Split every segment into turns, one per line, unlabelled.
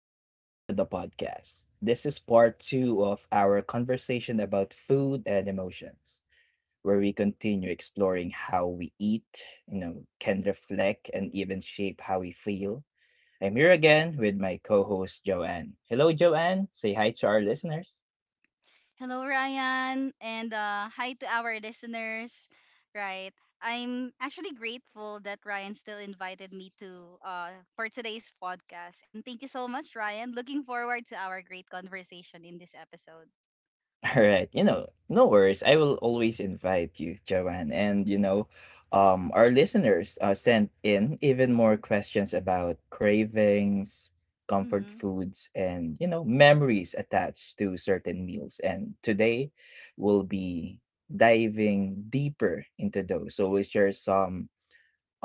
Welcome back to the podcast. This is part two of our conversation about food and emotions, where we continue exploring how we eat, you know, can reflect and even shape how we feel. I'm here again with my co host, Joanne. Hello, Joanne. Say hi to our listeners.
Hello, Ryan, and hi to our listeners. Right, I'm actually grateful that Ryan still invited me to for today's podcast, and thank you so much, Ryan. Looking forward to our great conversation in this episode.
All right, you know, no worries. I will always invite you, Joanne. And our listeners sent in even more questions about cravings, comfort
Mm-hmm.
foods, and you know, memories attached to certain meals. And today, we'll be diving deeper into those. So we'll share some.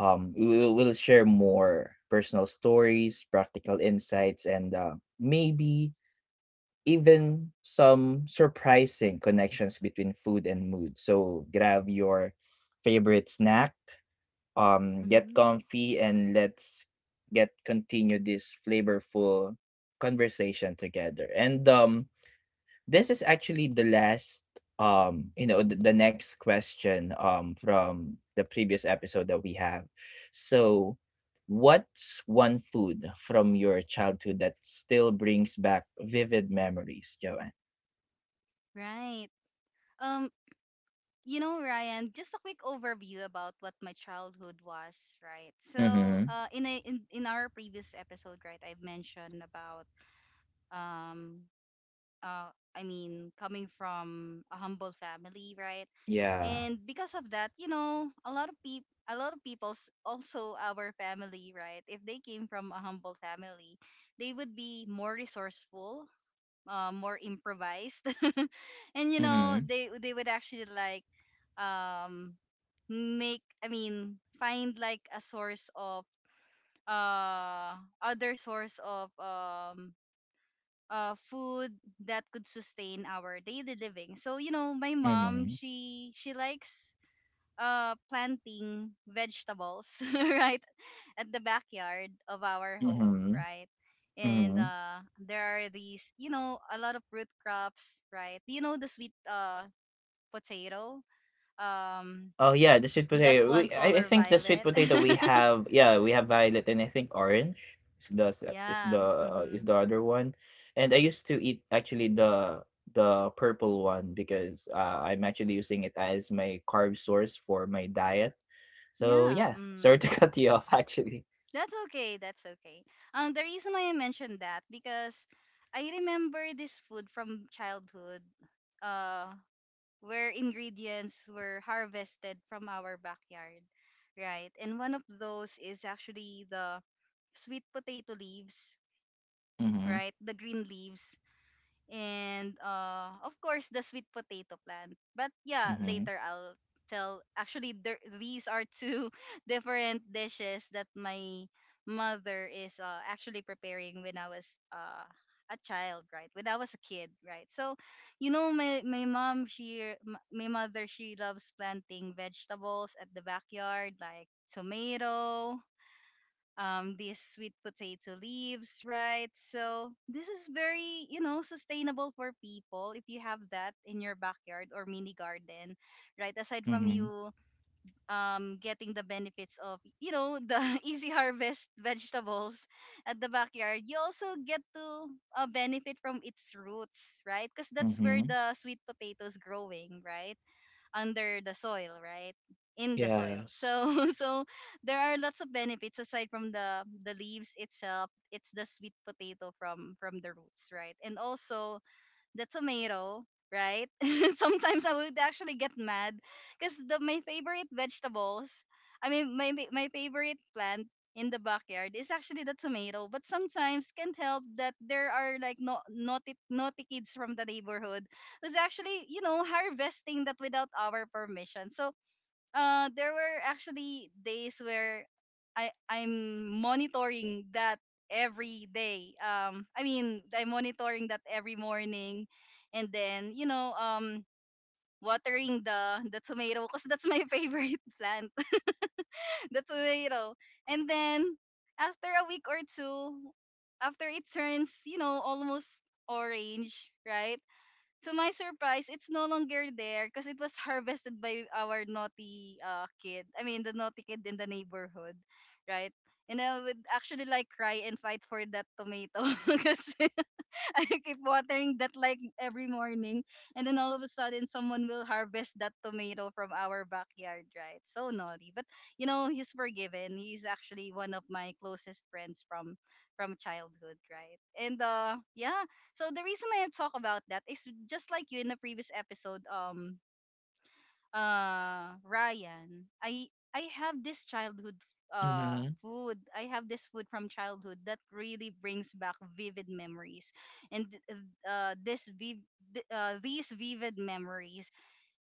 We'll share more personal stories, practical insights, and maybe even some surprising connections between food and mood. So grab your favorite snack, get
Mm-hmm.
comfy, and let's get continue this flavorful conversation together. And this is actually the last you know the next question from the previous episode that we have, so what's one food from your childhood that still brings back vivid memories, Joanne?
Right. Um, you know, Ryan, just a quick overview about what my childhood was. Right. So,
Mhm.
in our previous episode, right, I've mentioned about um uh I mean coming from a humble family, right?
Yeah.
And because of that, you know, a lot of people a lot of people's also our family, right? If they came from a humble family, they would be more resourceful, more improvised. And you know,
Mhm.
they would actually like um make I mean find like a source of uh other source of food that could sustain our daily living. So you know, my mom
Mhm.
she likes planting vegetables right at the backyard of our home,
Mhm.
right? And
Mhm.
there are these, you know, a lot of root crops, right? You know the sweet potato, um,
Oh yeah, the sweet
that
potato.
one
I
color
think the sweet
violet.
potato we have. Yeah, we have violet and I think orange is the s-
Yeah. Hmm.
is the other one. And I used to eat actually the purple one because I'm actually using it as my carb source for my diet. So
Yeah.
yeah, sorry
Mm.
to cut you off actually.
That's okay. That's okay. The reason why I mentioned that because I remember this food from childhood, uh, where ingredients were harvested from our backyard, right? And one of those is actually the sweet potato leaves,
Mhm.
right? The green leaves and of course the sweet potato plant but yeah
Mhm.
later I'll tell actually there, these are two different dishes that my mother is actually preparing when I was a child right when I was a kid right so you know my mom my mother she loves planting vegetables at the backyard like tomato, these sweet potato leaves, right? So this is very, you know, sustainable for people if you have that in your backyard or mini garden, right? Aside from
Mhm.
you getting the benefits of, you know, the easy harvest vegetables at the backyard, you also get to benefit from its roots, right? Because that's where
Mhm.
the sweet potato is growing, right? Under the soil, right? In the soil.
Yes.
So so there are lots of benefits aside from the leaves itself. It's the sweet potato from the roots, right? And also the tomato, right? Sometimes I would actually get mad because the my favorite vegetables, I mean my my my favorite plant in the backyard is actually the tomato. But sometimes can't help that there are like no, naughty naughty kids from the neighborhood who's actually you know harvesting that without our permission. So there were actually days where I'm monitoring that every day. I mean I'm monitoring that every morning and then you know watering the tomato because that's my favorite plant the tomato, and then after a week or two, after it turns you know almost orange right, to my surprise, it's no longer there because it was harvested by our naughty kid. I mean, the naughty kid in the neighborhood, right? And I would actually like cry and fight for that tomato because I keep watering that like every morning, and then all of a sudden, someone will harvest that tomato from our backyard, right? So naughty, but you know he's forgiven. He's actually one of my closest friends from childhood, right? And yeah. So the reason I talk about that is just like you in the previous episode, Ryan, I have this childhood
Mhm.
food. I have this food from childhood that really brings back vivid memories. And uh this viv- these vivid memories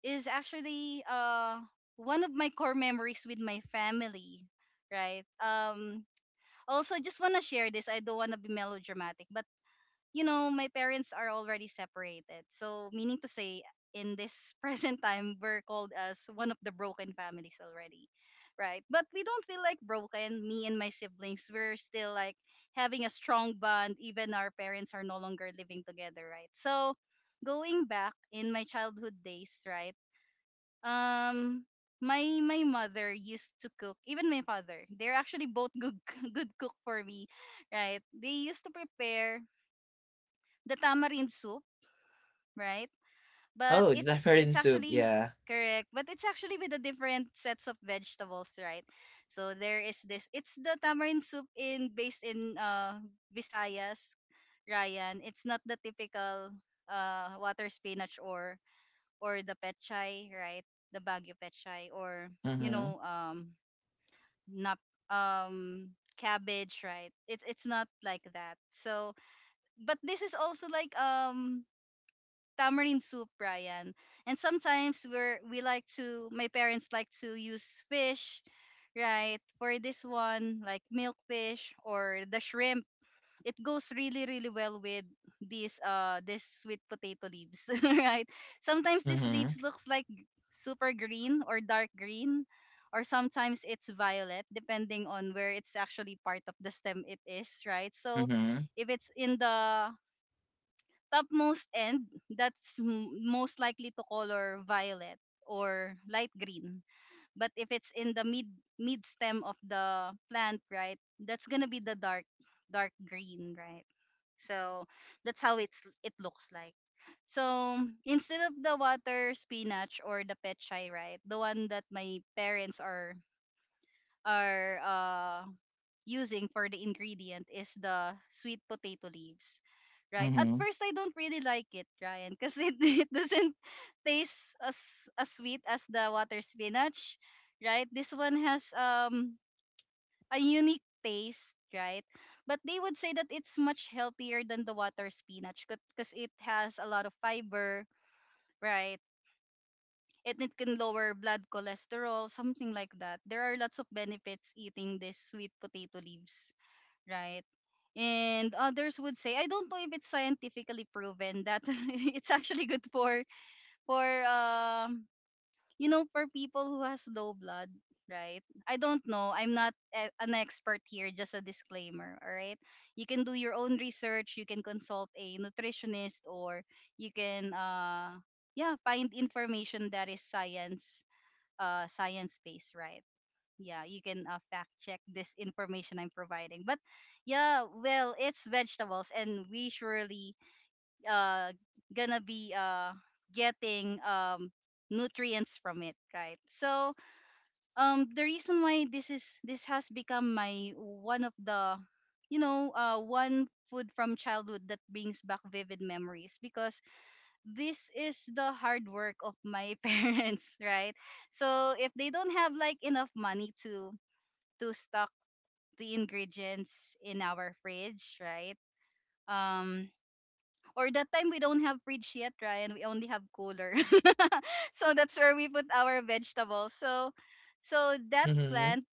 is actually one of my core memories with my family, right? Also just want to share this. I don't want to be melodramatic, but you know, my parents are already separated. So, meaning to say, in this present time, we're called as one of the broken families already, right? But we don't feel like broken. Me and my siblings, we're still like having a strong bond. Even our parents are no longer living together, right? So, going back in my childhood days, right? Um, my mother used to cook. Even my father, they're actually both good good cook for me, right? They used to prepare the tamarind soup, right? But
Oh, the
it's
tamarind soup.
actually
Yeah.
correct, but it's actually with the different sets of vegetables, right? So there is this. It's the tamarind soup in based in Visayas, Ryan. It's not the typical water spinach or the petchay, right? The Baguio petchay or you
Mhm,
know nap um cabbage, right? It's not like that. So but this is also like tamarind soup, Brian. And sometimes we're we like to my parents like to use fish, right? For this one, like milkfish or the shrimp. It goes really, really well with these this sweet potato leaves, right? Sometimes these leaves
mhm,
looks like super green or dark green, or sometimes it's violet depending on where it's actually part of the stem it is, right? So
mhm,
if it's in the topmost end, that's most likely to color violet or light green, but if it's in the mid stem of the plant, right, that's gonna be the dark green, right? So that's how it's it looks like. So instead of the water spinach or the pechay, right, the one that my parents are using for the ingredient is the sweet potato leaves. Right. At
mhm,
first I don't really like it, Ryan, because it, it doesn't taste as sweet as the water spinach. Right? This one has a unique taste, right? But they would say that it's much healthier than the water spinach because it has a lot of fiber, right? And it can lower blood cholesterol, something like that. There are lots of benefits eating this sweet potato leaves, right? And others would say, I don't know if it's scientifically proven that it's actually good for for um you know for people who has low blood, right? I don't know. I'm not a, an expert here. Just a disclaimer, all right? You can do your own research. You can consult a nutritionist, or you can yeah find information that is science based, right? Yeah you can fact check this information I'm providing, but yeah well it's vegetables and we surely uh gonna be getting nutrients from it right so the reason why this has become my one of the you know one food from childhood that brings back vivid memories because this is the hard work of my parents right so if they don't have like enough money to stock the ingredients in our fridge, right? Um, or that time we don't have fridge yet, Ryan. We only have cooler. So that's where we put our vegetables. So so that
mhm,
plant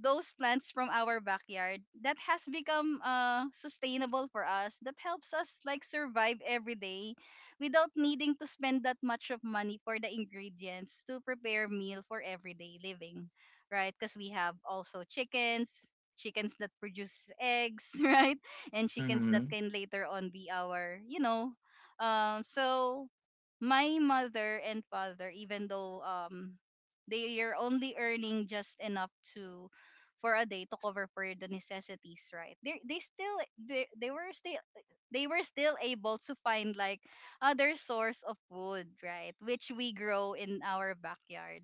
those plants from our backyard that has become sustainable for us that helps us like survive every day without needing to spend that much of money for the ingredients to prepare meal for everyday living, right, because we have also chickens that produce eggs right, and chickens that
mhm,
can later on be our you know um. So my mother and father, even though they are only earning just enough to for a day to cover for the necessities, right? They still they were still able to find like other source of food, right? Which we grow in our backyard.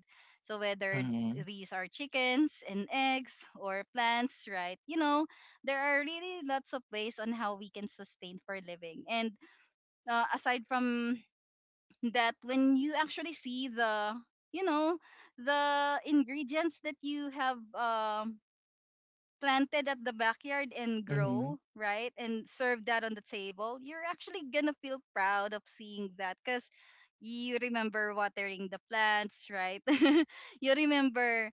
So whether
mhm,
these are chickens and eggs or plants, right? You know, there are really lots of ways on how we can sustain for living. And aside from that, when you actually see the you know the ingredients that you have planted at the backyard and
mhm,
grow, right? And serve that on the table, you're actually gonna feel proud of seeing that because you remember watering the plants, right? You remember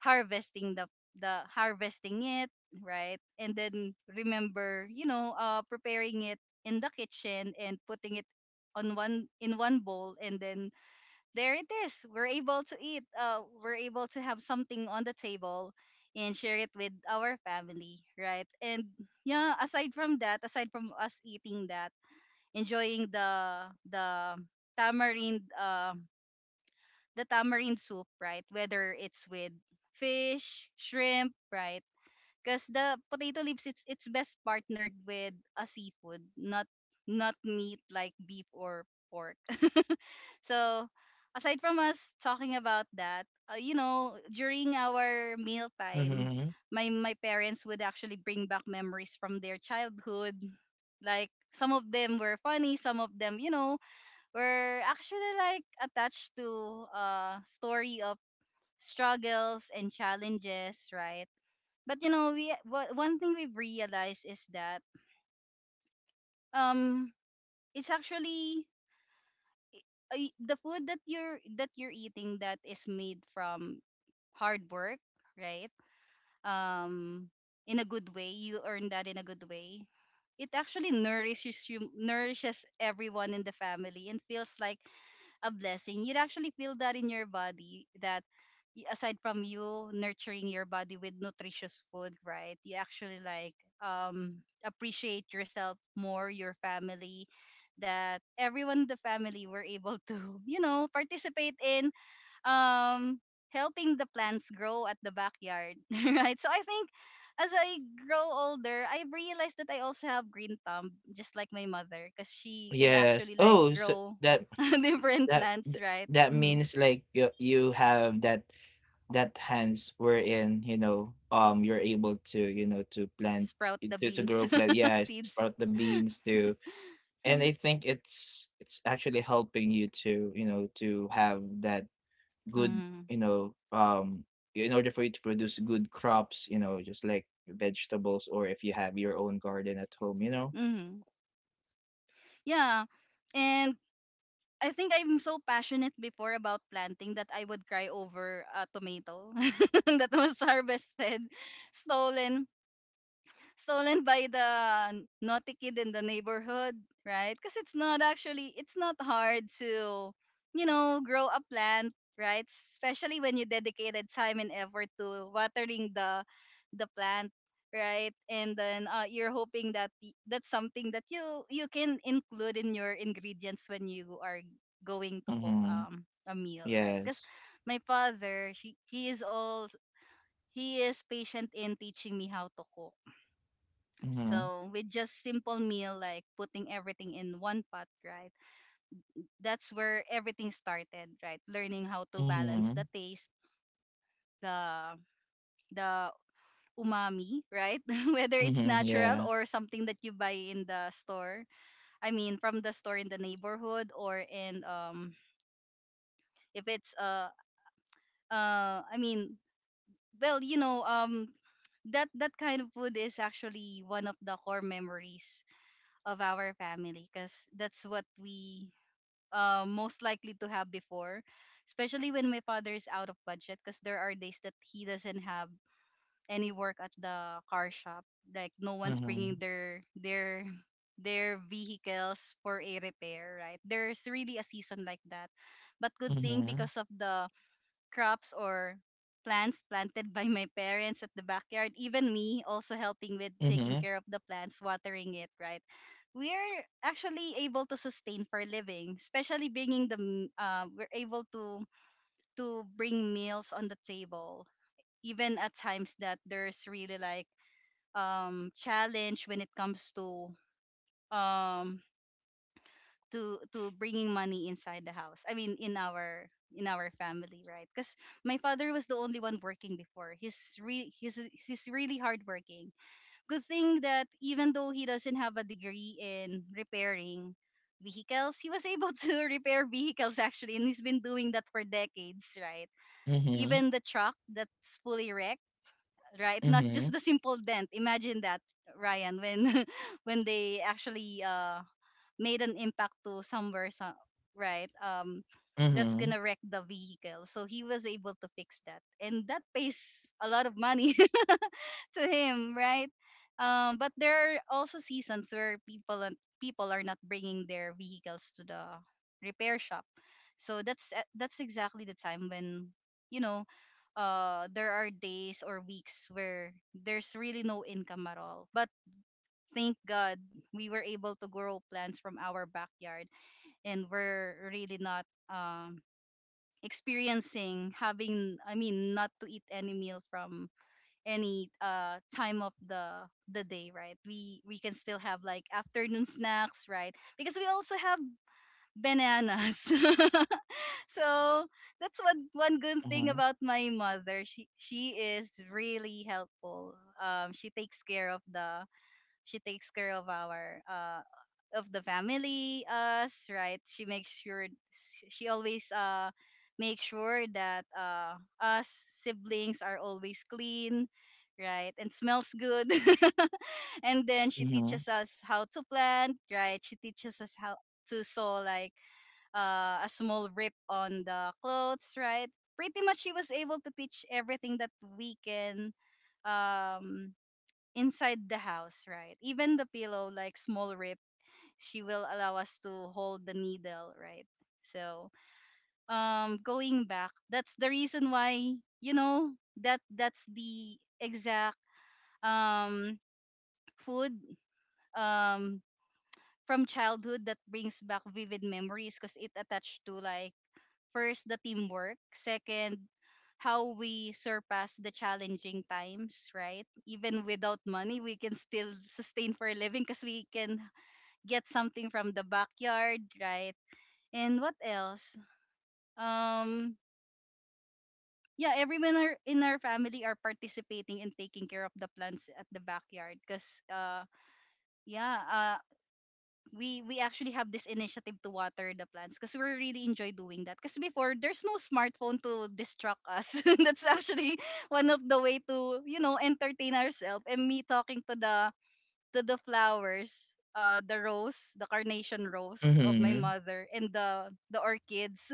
harvesting the harvesting it, right? And then remember, you know, preparing it in the kitchen and putting it on one bowl, and then there it is. We're able to eat. We're able to have something on the table and share it with our family, right? And yeah, aside from that, aside from us eating that, enjoying the tamarind uh, tamarind soup, right? Whether it's with fish, shrimp, right? Because the potato leaves, it's best partnered with a seafood, not not meat like beef or pork. So, aside from us talking about that, you know, during our meal time,
mhm.
my parents would actually bring back memories from their childhood. Like some of them were funny, some of them, were actually like attached to a story of struggles and challenges, right? One thing we've realized is that um it's actually i- the food that you're eating that is made from hard work, right? Um, in a good way, you earn that in a good way. It actually nourishes you, nourishes everyone in the family, and feels like a blessing. You'd actually feel that in your body aside from you nurturing your body with nutritious food, right? You actually like appreciate yourself more, your family, that everyone in the family were able to, participate in um helping the plants grow at the backyard, right? So I think, as I grow older, I realized that I also have green thumb just like my mother because she can
Yes.
actually like
Oh, so
grow
that
different
that
plants,
th-
right.
that
Hmm.
means like you have that that hands wherein, you know, you're able to, you know, to plant
Sprout the
to
beans,
grow plant, yeah, sprout
seeds.
the beans too. And I
Hmm.
think it's actually helping you to, you know, to have that good,
Mm-hmm.
you know, in order for you to produce good crops, you know, just like vegetables or if you have your own garden at home, you know?
Hmm. Yeah. And I think I'm so passionate before about planting that I would cry over a tomato that was harvested, stolen stolen by the naughty kid in the neighborhood, right? Because it's not actually, it's not hard to, grow a plant, right? Especially when you dedicated time and effort to watering the plant, right? And then you're hoping that that's something that you can include in your ingredients when you are going to cook
Mm-hmm.
a meal, right? Because
Yes.
my father, she, he is patient in teaching me how to cook,
Mm-hmm.
so with just simple meal like putting everything in one pot, right? That's where everything started, right? Learning how to
Mm-hmm.
balance the taste, the the umami, right? Whether it's
Mm-hmm. Yeah.
natural or something that you buy in the store. I mean, from the store in the neighborhood or in, if it's, I mean, well, that kind of food is actually one of the core memories of our family because that's what we, most likely to have before, especially when my father is out of budget because there are days that he doesn't have any work at the car shop. Like no one's
Mm-hmm.
bringing their vehicles for a repair, right? There's really a season like that. But good thing,
Mm-hmm.
because of the crops or plants planted by my parents at the backyard, even me also helping with taking
Mm-hmm.
care of the plants, watering it, right? We're actually able to sustain for a living, especially we're able to bring meals on the table, even at times that there's really like challenge when it comes to um to bringing money inside the house. I mean, in our family, right? Because my father was the only one working before. He's re he's really hardworking. Good thing that even though he doesn't have a degree in repairing vehicles, he was able to repair vehicles actually, and he's been doing that for decades, right?
Mm-hmm.
Even the truck that's fully wrecked, right? Not
Mm-hmm.
just the simple dent. Imagine that, Ryan, when when they actually made an impact to somewhere, so, right. That's
Mm-hmm.
gonna wreck the vehicle, so he was able to fix that and that pays a lot of money to him, right. But there are also seasons where people are not bringing their vehicles to the repair shop, so that's that's exactly the time when, you know there are days or weeks where there's really no income at all. But thank God we were able to grow plants from our backyard, and we're really not experiencing having, I mean, not to eat any meal from any time of the day, right? We can still have like afternoon snacks, right? Because we also have bananas. So that's one good thing
Mm-hmm.
about my mother. She is really helpful. um she takes care of the she takes care of our, of the family, us, right? She makes sure she always, make sure that, us siblings are always clean, right? And smells good. And then she
Mm-hmm.
teaches us how to plant, right? She teaches us how to sew, like, a small rip on the clothes, right? Pretty much she was able to teach everything that we can, um inside the house, right? Even the pillow, like small rip, she will allow us to hold the needle, right? So, going back, that's the reason why, that's the exact, um food, um from childhood that brings back vivid memories because it attached to like, first the teamwork, second how we surpass the challenging times, right? Even without money, we can still sustain for a living because we can get something from the backyard, right? And what else? Um, yeah, everyone are, in our family, are participating in taking care of the plants at the backyard because, uh, yeah, we actually have this initiative to water the plants because we really enjoy doing that, because before there's no smartphone to distract us. That's actually one of the way to, entertain ourselves, and me talking to the flowers, the rose, the carnation rose of my
Mm-hmm.
mother, and the orchids.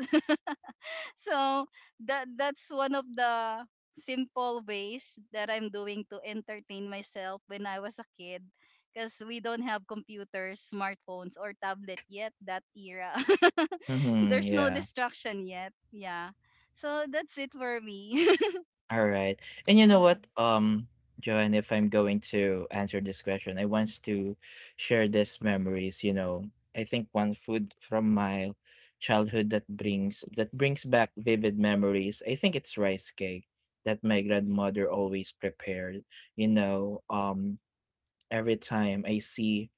So that that's one of the simple ways that I'm doing to entertain myself when I was a kid, because we don't have computers, smartphones or tablet yet that era.
Mm-hmm.
There's no
Yeah.
distraction yet. Yeah. So that's it for me.
All right. And you know
Mm-hmm.
what, Joanne, if I'm going to answer this question, I want to share these memories, you know. I think one food from my childhood that brings back vivid memories. I think it's rice cake that my grandmother always prepared. You know, every time I see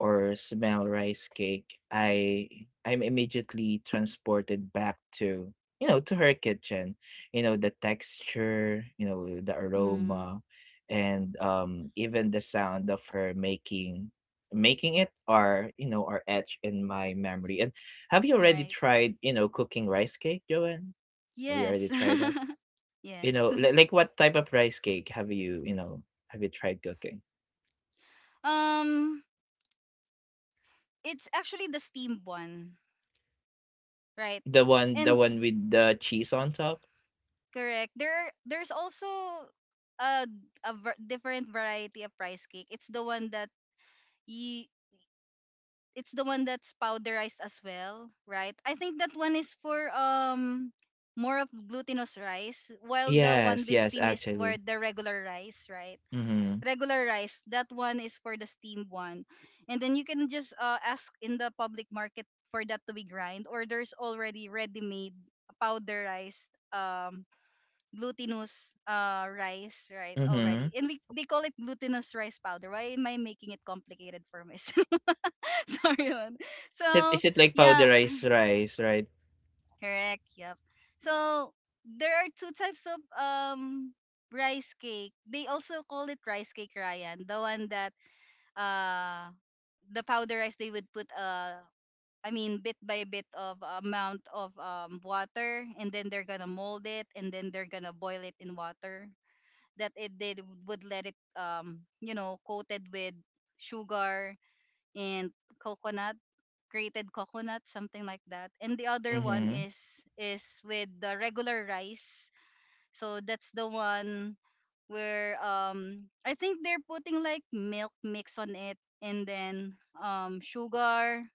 or smell rice cake, I'm immediately transported back to, you know, to her kitchen. You know, the texture, you know, the
Hmm.
aroma and even the sound of her making it are, you know, are etched in my memory. And have you already
Right.
tried, you know, cooking rice cake, Joanne? Have you already
Yes.
tried that? You
Yes.
know, like what type of rice cake have you, you know, have you tried cooking?
Um, it's actually the steam one, right?
The
And.
one with the cheese on top?
Correct. There's also a different variety of rice cake. You it's the one that's powderized as well, right? I think that one is for, more of glutinous rice, while the one
Yes,
with
yes,
steam is for
actually.
the regular rice, right?
Mhm,
Regular rice, that one is for the steamed one. And then you can just, ask in the public market for that to be grind, or there's already ready-made powderized, um glutinous, rice, right? Already,
mhm.
and we they call it glutinous rice powder. Why am I making it complicated for myself? Sorry. Yun.
It
So
is it like
yeah,
powderized rice, right?
correct. Yep. So there are two types of, rice cake. They also call it rice cake, Ryan, the one that, uh the powder rice, they would put, I mean bit by bit of amount of, water, and then they're gonna mold it, and then they're gonna boil it in water that it they would let it, coated with sugar and coconut, grated coconut, something like that. And the other one
Mhm,
is with the regular rice. So that's the one where, I think they're putting like milk mix on it, and then, sugar,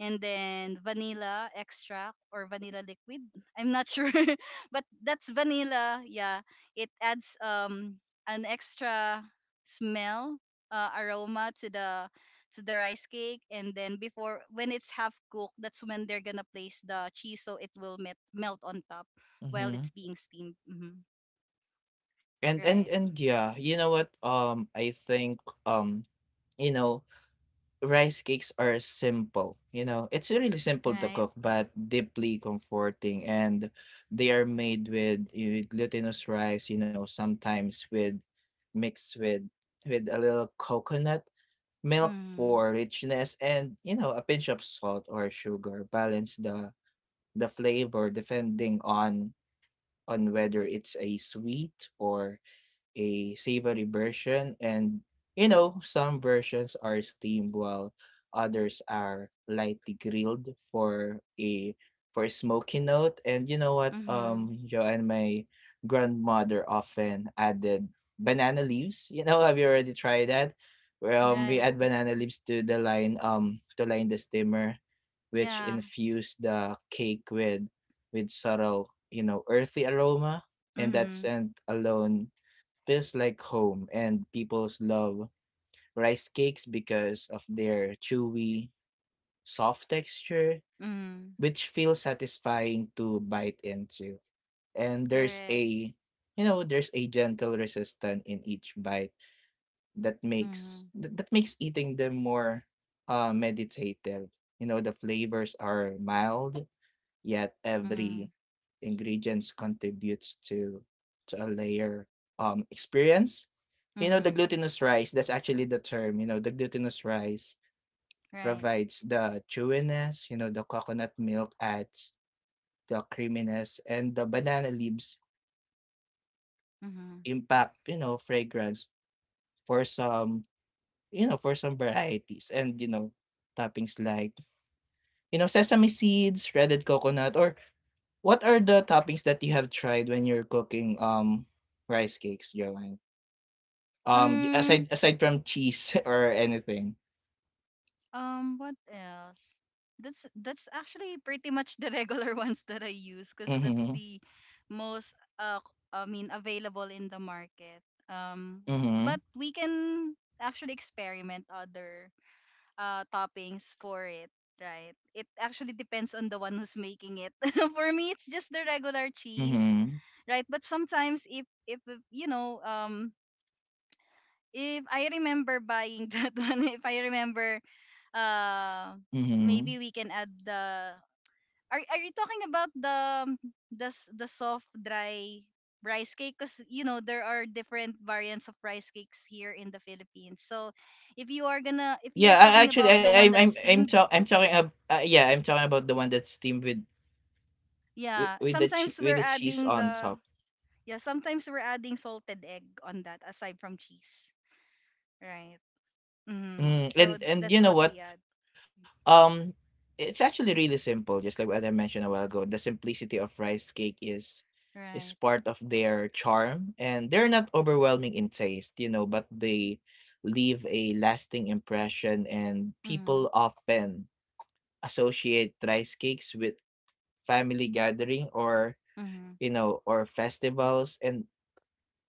and then vanilla extract or vanilla liquid. I'm not sure, but that's vanilla. Yeah, it adds, an extra smell, aroma to the rice cake, and then before, when it's half cooked, that's when they're gonna place the cheese, so it will melt on top while
mhm.
it's being steamed. Hmm.
And and
Right.
and yeah, you know what? I think um, you know, rice cakes are simple. You know, it's really simple to
Right.
cook, but deeply comforting. And they are made with glutinous rice. You know, sometimes with mixed with a little coconut milk
Mm.
for richness and, you know, a pinch of salt or sugar balance the flavor depending on whether it's a sweet or a savory version, and you know, some versions are steamed while others are lightly grilled for a smoky note. And you know what,
Mhm.
Joanne, my grandmother often added banana leaves. You know, have you already tried that? Well, we
Right.
add banana leaves to the line, to line the steamer, which
Yeah.
infuse the cake with subtle, you know, earthy aroma. And that
Mhm.
scent alone feels like home, and people's love rice cakes because of their chewy, soft texture,
Mhm.
which feels satisfying to bite into. And there's
Correct.
a you know, there's a gentle resistance in each bite that makes
Mhm.
that that makes eating them more meditative. You know, the flavors are mild yet
Mhm.
every ingredients contributes to a layer experience, you know, the
Mm-hmm.
glutinous rice, that's actually the term, you know, the glutinous rice
Right.
provides the chewiness, you know, the coconut milk adds the creaminess and the banana leaves
Mm-hmm.
impact, you know, fragrance for some, you know, for some varieties, and you know, toppings like, you know, sesame seeds, shredded coconut, or what are the toppings that you have tried when you're cooking, rice cakes, Joanne? J
Mm,
aside aside from cheese or anything?
what else? That's actually pretty much the regular ones that I use because that's
Mhm,
the most, I mean available in the market.
mhm,
But we can actually experiment other, toppings for it, right? It actually depends on the one who's making it. For me, it's just the regular cheese,
mhm,
right? But sometimes if, if I remember buying that one, if I remember, uh,
mhm.
maybe we can add the. Are you talking about the, um, the soft dry rice cake? Because you know there are different variants of rice cakes here in the Philippines. So, if you're
Yeah,
talking
I
about
actually
the one that's steamed,
I'm talking ab yeah, I'm talking about the one that's steamed
yeah,
with the chee
sometimes
with
we're
the cheese
adding
on
the
top.
yeah, sometimes we're adding salted egg on that aside from cheese, right? Mm-hmm.
Mm,
So
and you
that's
know
what
what?
we add,
Um, it's actually really simple. Just like what I mentioned a while ago, the simplicity of rice cake is
right?
part of their charm, and they're not overwhelming in taste, you know, but they leave a lasting impression, and people
Mm-hmm.
often associate rice cakes with family gathering or
Mhm.
you know or festivals, and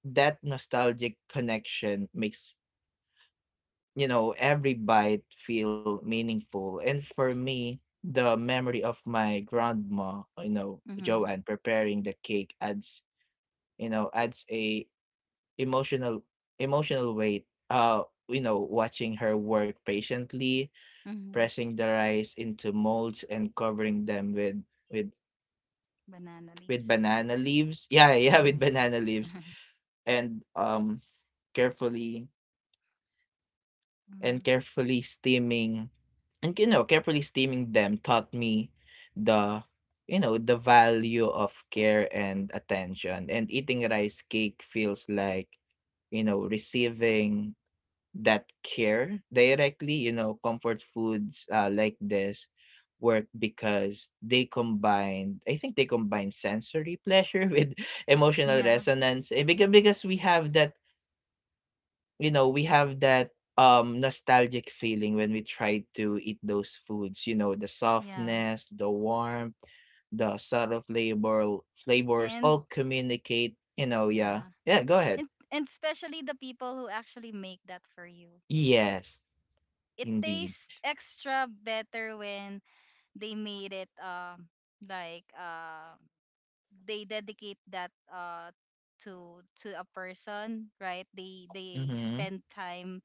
that nostalgic connection makes, you know, every bite feel meaningful. And for me, the memory of my grandma, you know,
Mhm.
Joanne preparing the cake adds, you know, adds a emotional emotional weight. You know, watching her work patiently,
Mhm.
pressing the rice into molds and covering them with with
Banana
with
leaves.
banana leaves. Yeah, yeah, with
Mm.
banana leaves and carefully
Mhm.
carefully steaming. And, you know, carefully steaming them taught me the, you know, the value of care and attention. And eating rice cake feels like, you know, receiving that care directly. You know, comfort foods like this work because they combine I think they combine sensory pleasure with emotional
Yeah.
resonance, eh, because we
Mhm.
have that you know, we have that nostalgic feeling when we try to eat those foods, you know, the
Yeah.
softness, the warmth, the subtle flavors
And
all communicate, you know, yeah.
yeah.
Yeah, go ahead.
And especially the people who actually make that for you.
Yes,
It
indeed.
tastes extra better when they made it, like, they dedicate that, to a person, right? They
Mm-hmm.
spend time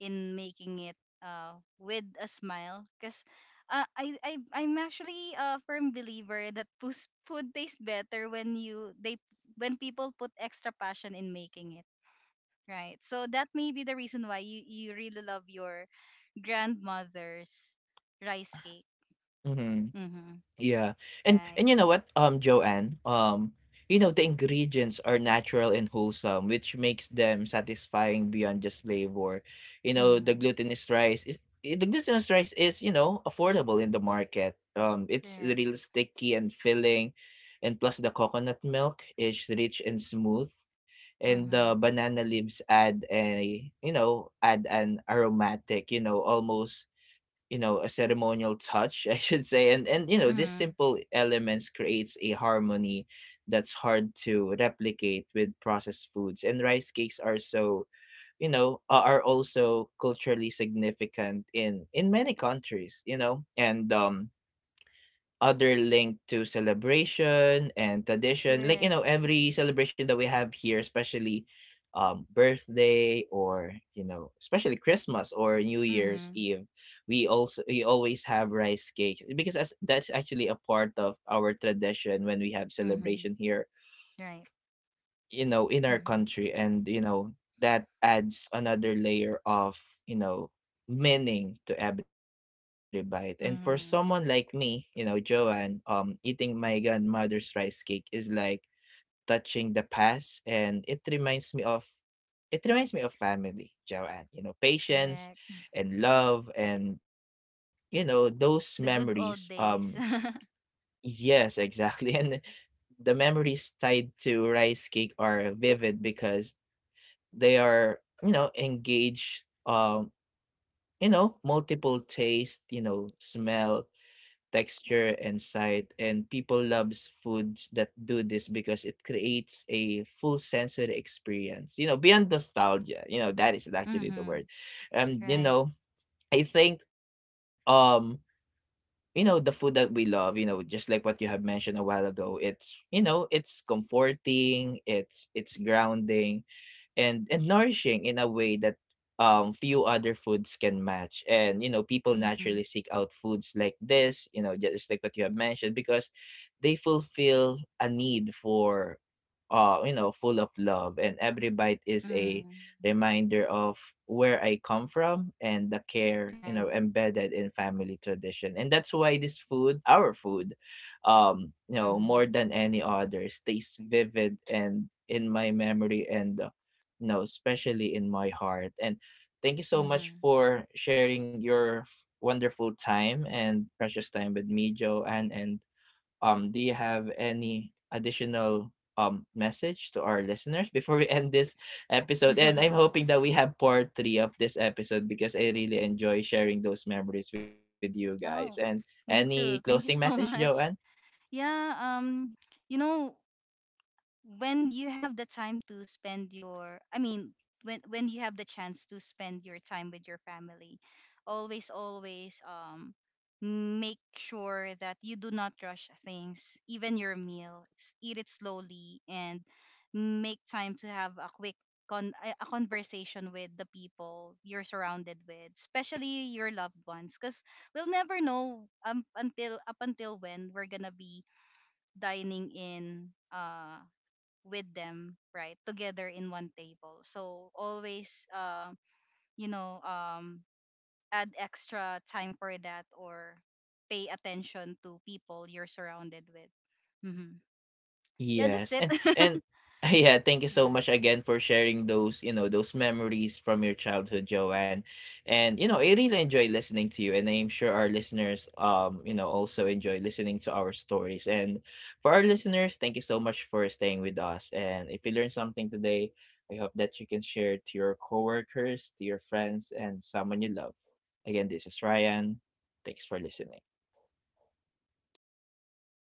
in making it, with a smile, because, I'm actually a firm believer that food tastes better when you they when people put extra passion in making it, right? So that may be the reason why you really love your grandmother's rice cake.
Mm-hmm.
Mm-hmm.
Yeah. And
Right.
you know what, Joanne, you know, the ingredients are natural and wholesome, which makes them satisfying beyond just flavor. You know,
mm-hmm.
the glutinous rice is, you know, affordable in the market. It's
correct
real sticky and filling, and plus the coconut milk is rich and smooth, and
mm-hmm.
the banana leaves add a, you know, add an aromatic, you know, almost you know a ceremonial touch I should say, and you know these
Mm-hmm.
simple elements creates a harmony that's hard to replicate with processed foods, and rice cakes are so you know are also culturally significant in many countries, you know, and other link to celebration and tradition. Like, you
Correct.
know, every celebration that we have here, especially birthday or, you know, especially Christmas or New Year's
Mm-hmm.
Eve, we also we always have rice cake because that's actually a part of our tradition when we have
Mm-hmm.
celebration here,
Right.
you know, in our
Mm-hmm.
country, and you know that adds another layer of, you know, meaning to every bite, and for someone like
Mm-hmm.
me, you know, Joanne, um, eating my grandmother's rice cake is like touching the past, and it reminds me of family, Joanne, you know, patience
Correct.
and love, and you know those
The
memories
good old days.
yes exactly and the memories tied to rice cake are vivid because they are, you know, engage, you know, multiple taste, you know, smell, texture, and sight. And people loves foods that do this because it creates a full sensory experience. You know, beyond nostalgia. You know, that is actually the
Mm-hmm.
word. You
Right.
know, I think you know the food that we love, you know, just like what you have mentioned a while ago, it's you know it's comforting, it's grounding and nourishing in a way that few other foods can match, and you know people naturally
Mm-hmm.
seek out foods like this, you know, just like what you have mentioned because they fulfill a need for you know full of love, and every bite is a
Mm.
reminder of where I come from and the care, you
Right.
know, embedded in family tradition, and that's why this food our food um, you know,
Mm-hmm.
more than any other, stays vivid and in my memory, and no, especially in my heart. And thank you so
Mm-hmm.
much for sharing your wonderful time and precious time with me, Joanne. And do you have any additional message to our listeners before we end this episode? And I'm hoping that we have part three of this episode because I really enjoy sharing those memories with you guys. And
Oh,
any
me
closing
too. Thank you
message,
so
Joanne?
much. Yeah, you know, when you have the time to spend your I mean, when you have the chance to spend your time with your family, always always, make sure that you do not rush things, even your meal. Eat it slowly, and make time to have a quick, a conversation with the people you're surrounded with, especially your loved ones, because we'll never know, until up until when we're gonna be dining in, with them, right? Together in one table. So always, uh, you know um, add extra time for that, or pay attention to people you're surrounded with. Hmm. Yeah, that's
Yes,
it.
and yeah, thank you so much
Yeah.
again for sharing those, you know, those memories from your childhood, Joanne. And you know, I really enjoy listening to you, and I'm sure our listeners, you know, also enjoy listening to our stories. And for our listeners, thank you so much for staying with us. And if you learned something today, I hope that you can share it to your coworkers, to your friends, and someone you love. Again, this is Ryan. Thanks for listening.